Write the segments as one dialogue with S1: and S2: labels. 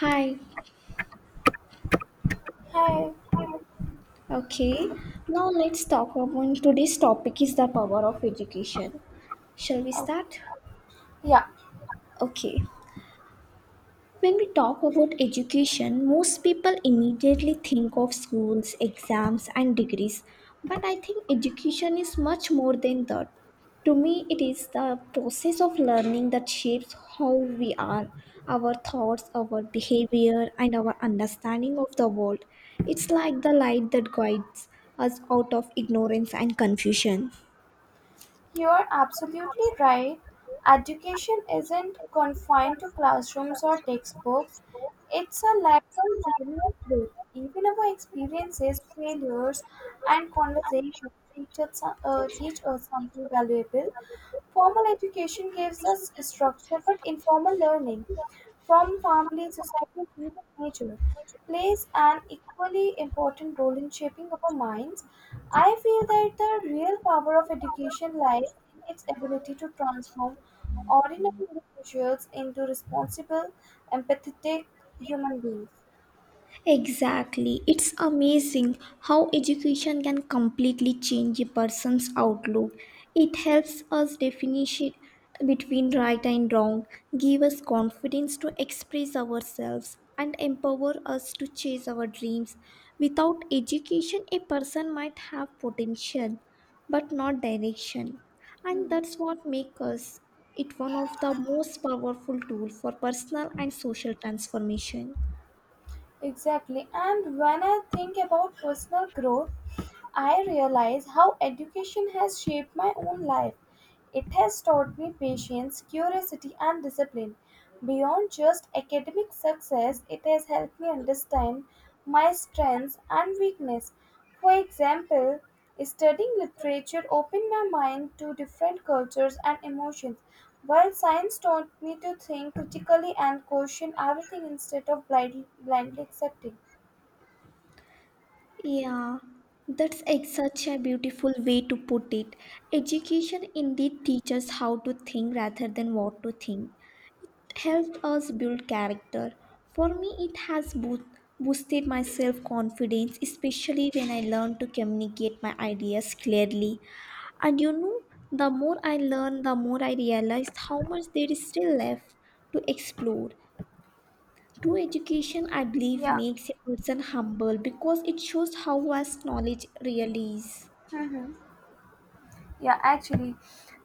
S1: Hi,
S2: Hi.
S1: okay. Now let's talk about today's topic is the power of education. Shall we
S2: Oh,
S1: start?
S2: yeah,
S1: Okay. When we talk about education, most people immediately think of schools, exams, and degrees. But I think education is much more than that. To me, it is the process of learning that shapes how we are, our thoughts, our behavior, and our understanding of the world. It's like the light that guides us out of ignorance and confusion.
S2: you're absolutely right. Education isn't confined to classrooms or textbooks. It's a lifelong journey of growth. Even our experiences, failures, and conversations teach us something valuable. Formal education gives us structure, but informal learning from family, society, and even nature plays an equally important role in shaping our minds. I feel that the real power of education lies in its ability to transform ordinary individuals into responsible, empathetic human beings.
S1: Exactly. It's amazing how education can completely change a person's outlook. It helps us definish it between right and wrong, give us confidence to express ourselves, and empower us to chase our dreams. Without education, a person might have potential but not direction. And
S2: Hmm.
S1: that's what makes us it one of the most powerful tools for personal and social transformation.
S2: Exactly. And when I think about personal growth, I realize how education has shaped my own life. It has taught me patience, curiosity, and discipline. Beyond just academic success, it has helped me understand my strengths and weakness. For example, studying literature opened my mind to different cultures and emotions, while science taught me to think critically and question everything instead of blindly accepting.
S1: Yeah, that's such a beautiful way to put it. Education indeed teaches how to think rather than what to think. It helps us build character. For me, it has boosted my self confidence, especially when I learned to communicate my ideas clearly. And the more I learn, the more I realized how much there is still left to explore. True education, I believe,
S2: Yeah.
S1: makes a person humble because it shows how vast knowledge really is.
S2: Yeah, actually,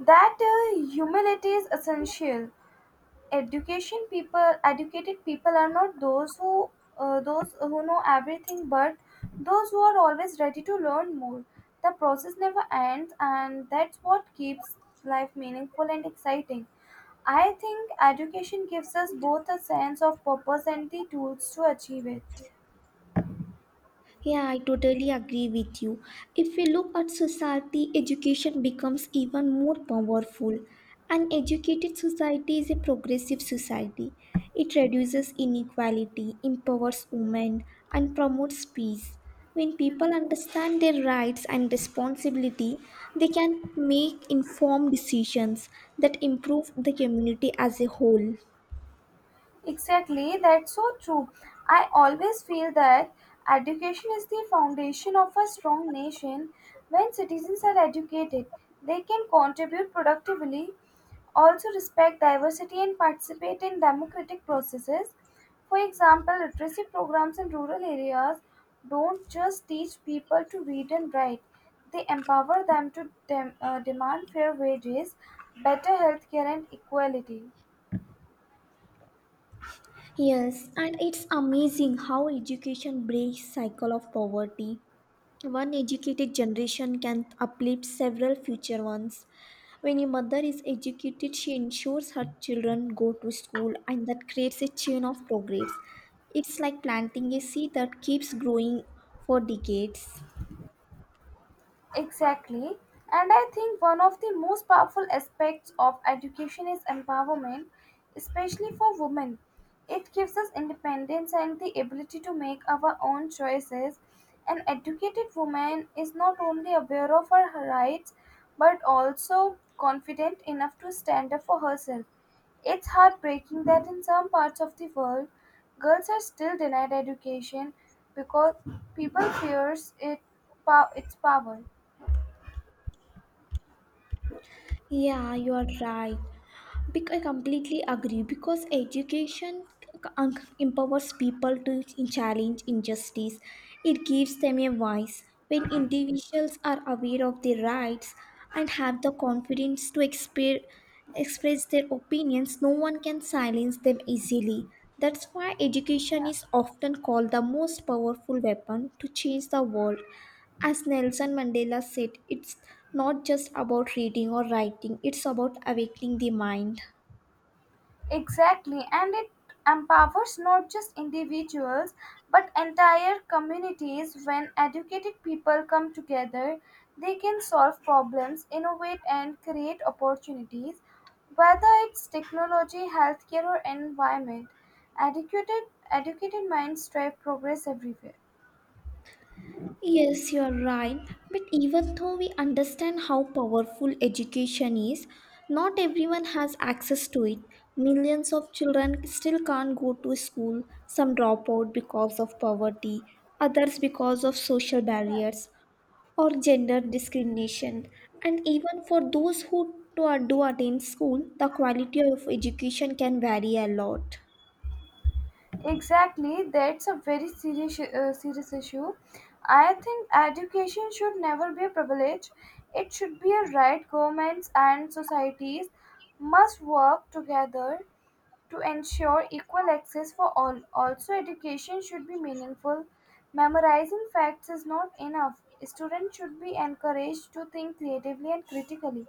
S2: that humility is essential. Education people, educated people are not those who those who know everything, but those who are always ready to learn more. The process never ends, and that's what keeps life meaningful and exciting. I think education gives us both a sense of purpose and the tools to achieve it.
S1: Yeah, I totally agree with you. If we look at society, education becomes even more powerful. An educated society is a progressive society. It reduces inequality, empowers women, and promotes peace. When people understand their rights and responsibility, they can make informed decisions that improve the community as a whole.
S2: Exactly, that's so true. I always feel that education is the foundation of a strong nation. When citizens are educated, they can contribute productively, also respect diversity, and participate in democratic processes. For example, literacy programs in rural areas don't just teach people to read and write, they empower them to demand fair wages, better healthcare, and equality.
S1: Yes, and it's amazing how education breaks cycle of poverty. One educated generation can uplift several future ones. When a mother is educated, she ensures her children go to school, and that creates a chain of progress. It's like planting a seed that keeps growing for decades.
S2: Exactly. And I think one of the most powerful aspects of education is empowerment, especially for women. It gives us independence and the ability to make our own choices. An educated woman is not only aware of her rights but also confident enough to stand up for herself. It's heartbreaking that in some parts of the world, girls are still denied education because people fears it, its power.
S1: Yeah, you are right. I completely agree because education empowers people to challenge injustice. It gives them a voice. When individuals are aware of their rights and have the confidence to express their opinions, no one can silence them easily. That's why education
S2: Yeah,
S1: is often called the most powerful weapon to change the world. As Nelson Mandela said, it's not just about reading or writing, it's about awakening the mind.
S2: exactly. And it empowers not just individuals but entire communities. When educated people come together, they can solve problems, innovate, and create opportunities. Whether it's technology, healthcare, or environment, educated, educated minds drive progress everywhere.
S1: Yes, you're right. But even though we understand how powerful education is, not everyone has access to it. Millions of children still can't go to school. Some drop out because of poverty, others because of social barriers or gender discrimination. And even for those who do attend school, the quality of education can vary a lot.
S2: Exactly, that's a very serious issue. I think education should never be a privilege. It should be a right. Governments and societies must work together to ensure equal access for all. Also, education should be meaningful. Memorizing facts is not enough. Students should be encouraged to think creatively and critically.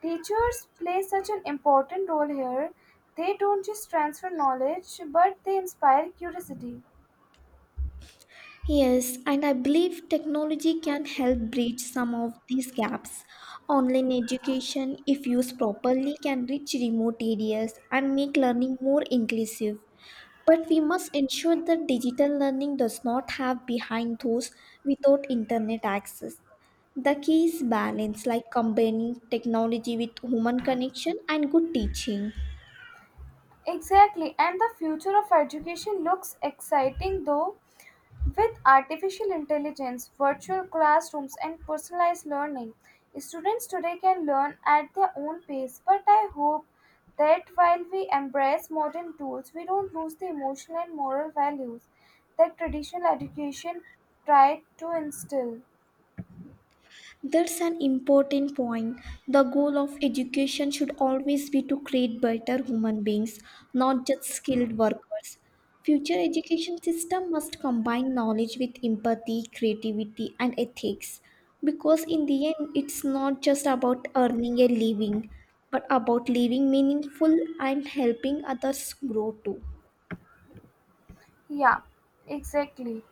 S2: Teachers play such an important role here. They don't just transfer knowledge, but they inspire curiosity.
S1: Yes, and I believe technology can help bridge some of these gaps. Online education, if used properly, can reach remote areas and make learning more inclusive. But we must ensure that digital learning does not have behind those without internet access. The key is balance, like combining technology with human connection and good teaching.
S2: Exactly, and the future of education looks exciting though. With artificial intelligence, virtual classrooms, and personalized learning, students today can learn at their own pace. But I hope that while we embrace modern tools, we don't lose the emotional and moral values that traditional education tried to instill.
S1: That's an important point. The goal of education should always be to create better human beings, not just skilled workers. Future education system must combine knowledge with empathy, creativity and ethics, because in the end it's not just about earning a living but about living meaningful and helping others grow too.
S2: Yeah, exactly.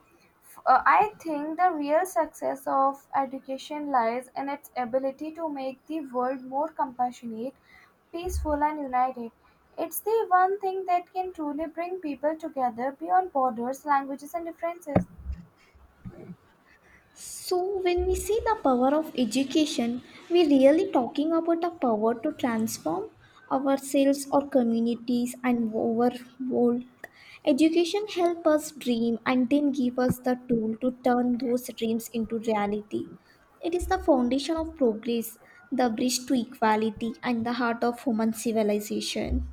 S2: I think the real success of education lies in its ability to make the world more compassionate, peaceful, and united. It's the one thing that can truly bring people together beyond borders, languages, and differences.
S1: So when we say the power of education, we really talking about the power to transform ourselves or communities and our world. Education help us dream and then give us the tool to turn those dreams into reality. It is the foundation of progress, the bridge to equality and the heart of human civilization.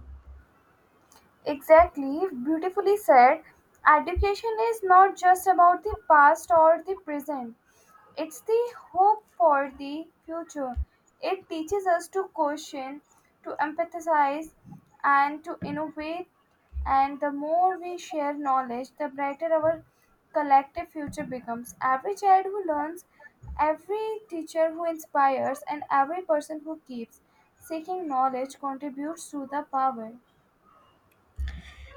S2: Exactly, beautifully said. Education is not just about the past or the present, it's the hope for the future. It teaches us to question, to empathize, and to innovate. And the more we share knowledge, the brighter our collective future becomes. Every child who learns, every teacher who inspires, and every person who keeps seeking knowledge contributes to the power.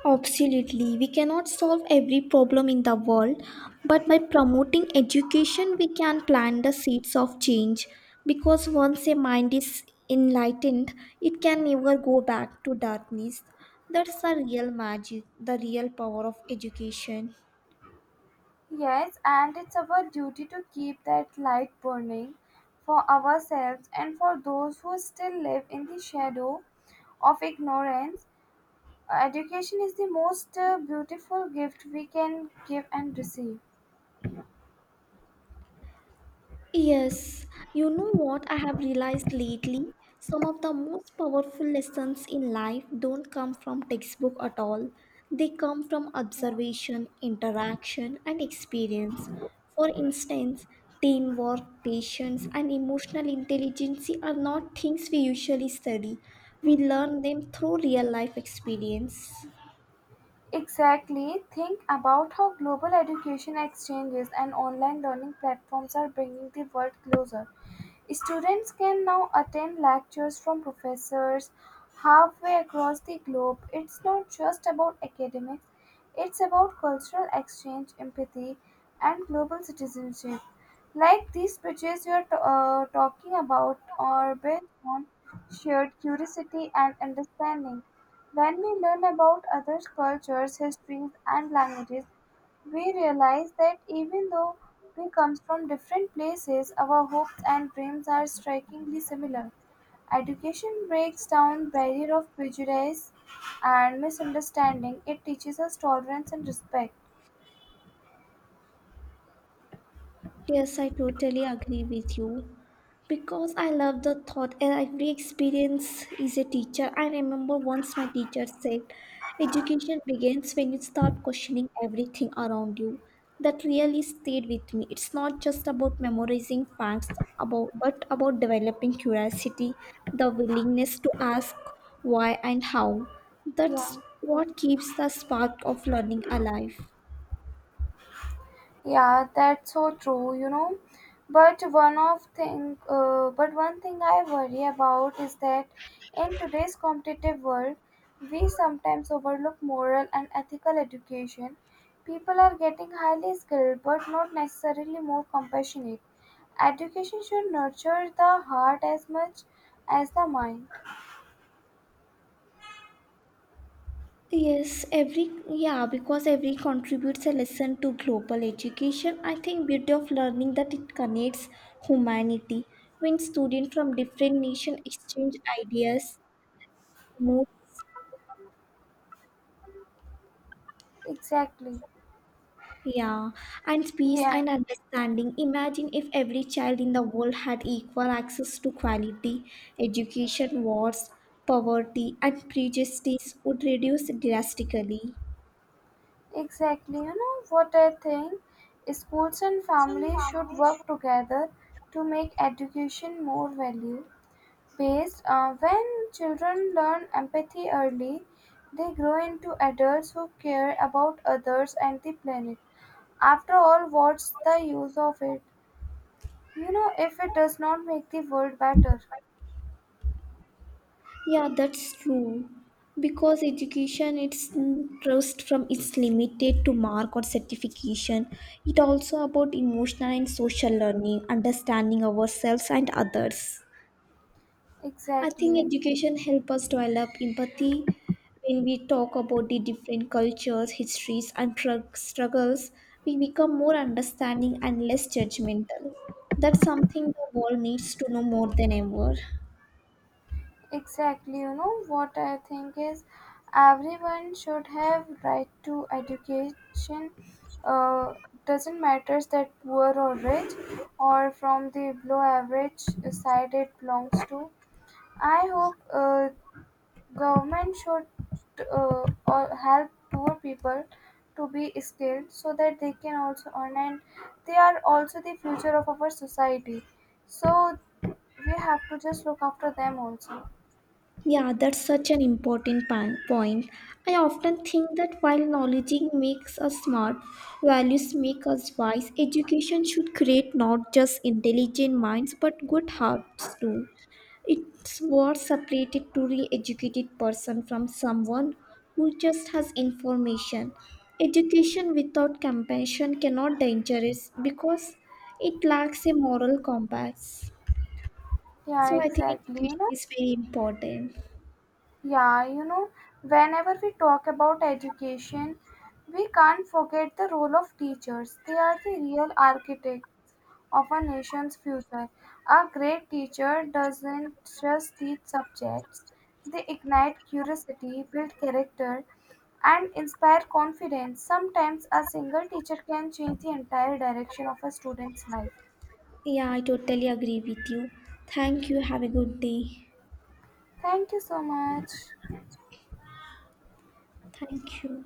S1: Absolutely. We cannot solve every problem in the world, but by promoting education, we can plant the seeds of change. Because once a mind is enlightened, it can never go back to darkness. That's the real magic, the real power of education.
S2: Yes, and it's our duty to keep that light burning for ourselves and for those who still live in the shadow of ignorance. Education is the most beautiful gift we can give and receive.
S1: Yes, you know what I have realized lately? Some of the most powerful lessons in life don't come from textbook at all. They come from
S2: Yeah.
S1: observation, interaction, and experience. For instance, teamwork, patience, and emotional intelligence are not things we usually study. We learn them through real life experience.
S2: Exactly. Think about how global education exchanges and online learning platforms are bringing the world closer. Students can now attend lectures from professors halfway across the globe. It's not just about academics, it's about cultural exchange, empathy, and global citizenship. Like these bridges you're talking about are built on shared curiosity and understanding. When we learn about other cultures, histories, and languages, we realize that even though we come from different places, our hopes and dreams are strikingly similar. Education breaks down barrier of prejudice and misunderstanding. It teaches us tolerance and respect.
S1: Yes, I totally agree with you. Because I love the thought, and every experience is a teacher. I remember once my teacher said, education begins when you start questioning everything around you. That really stayed with me. It's not just about memorizing facts about, but about developing curiosity, the willingness to ask why and how. That's
S2: Yeah.
S1: what keeps the spark of learning alive.
S2: Yeah, that's so true, you know. But but one thing I worry about is that in today's competitive world, we sometimes overlook moral and ethical education. People are getting highly skilled, but not necessarily more compassionate. Education should nurture the heart as much as the mind.
S1: Yes, every yeah, because every contributes a lesson to global education. I think beauty of learning that it connects humanity when students from different nation exchange ideas, promote,
S2: Exactly.
S1: yeah, and peace
S2: Yeah.
S1: and understanding. Imagine if every child in the world had equal access to quality education, wars, poverty, and prejudice would reduce drastically.
S2: Exactly. You know what I think? Schools and families should work together to make education more value based. When children learn empathy early, they grow into adults who care about others and the planet. After all, what's the use of it? You know, if it does not make the world better.
S1: Yeah, that's true. Because education, it's trust from it's limited to mark or certification. It also about emotional and social learning, understanding ourselves and others. I think
S2: Exactly.
S1: education help us develop empathy when we talk about the different cultures, histories, and struggles. We become more understanding and less judgmental. That's something the world needs to know more than ever.
S2: Exactly, you know what I think is everyone should have right to education. Uh, doesn't matter that poor or rich or from the below average side it belongs to. I hope government should or help poor people to be skilled so that they can also earn and they are also the future of our society. So we have to just look after them also.
S1: Yeah, that's such an important point. I often think that while knowledge makes us smart, values make us wise. Education should create not just intelligent minds but good hearts too. It's what separated truly educated person from someone who just has information. Education without compassion cannot dangerous because it lacks a moral compass.
S2: Yeah,
S1: So I think
S2: exactly. You
S1: education
S2: know,
S1: is very important.
S2: yeah, you know, whenever we talk about education, we can't forget the role of teachers. They are the real architect of a nation's future. A great teacher doesn't just teach subjects, they ignite curiosity, build character, and inspire confidence. Sometimes a single teacher can change the entire direction of a student's life.
S1: Yeah, I totally agree with you. Thank you. Have a good day.
S2: Thank you so much.
S1: Thank you.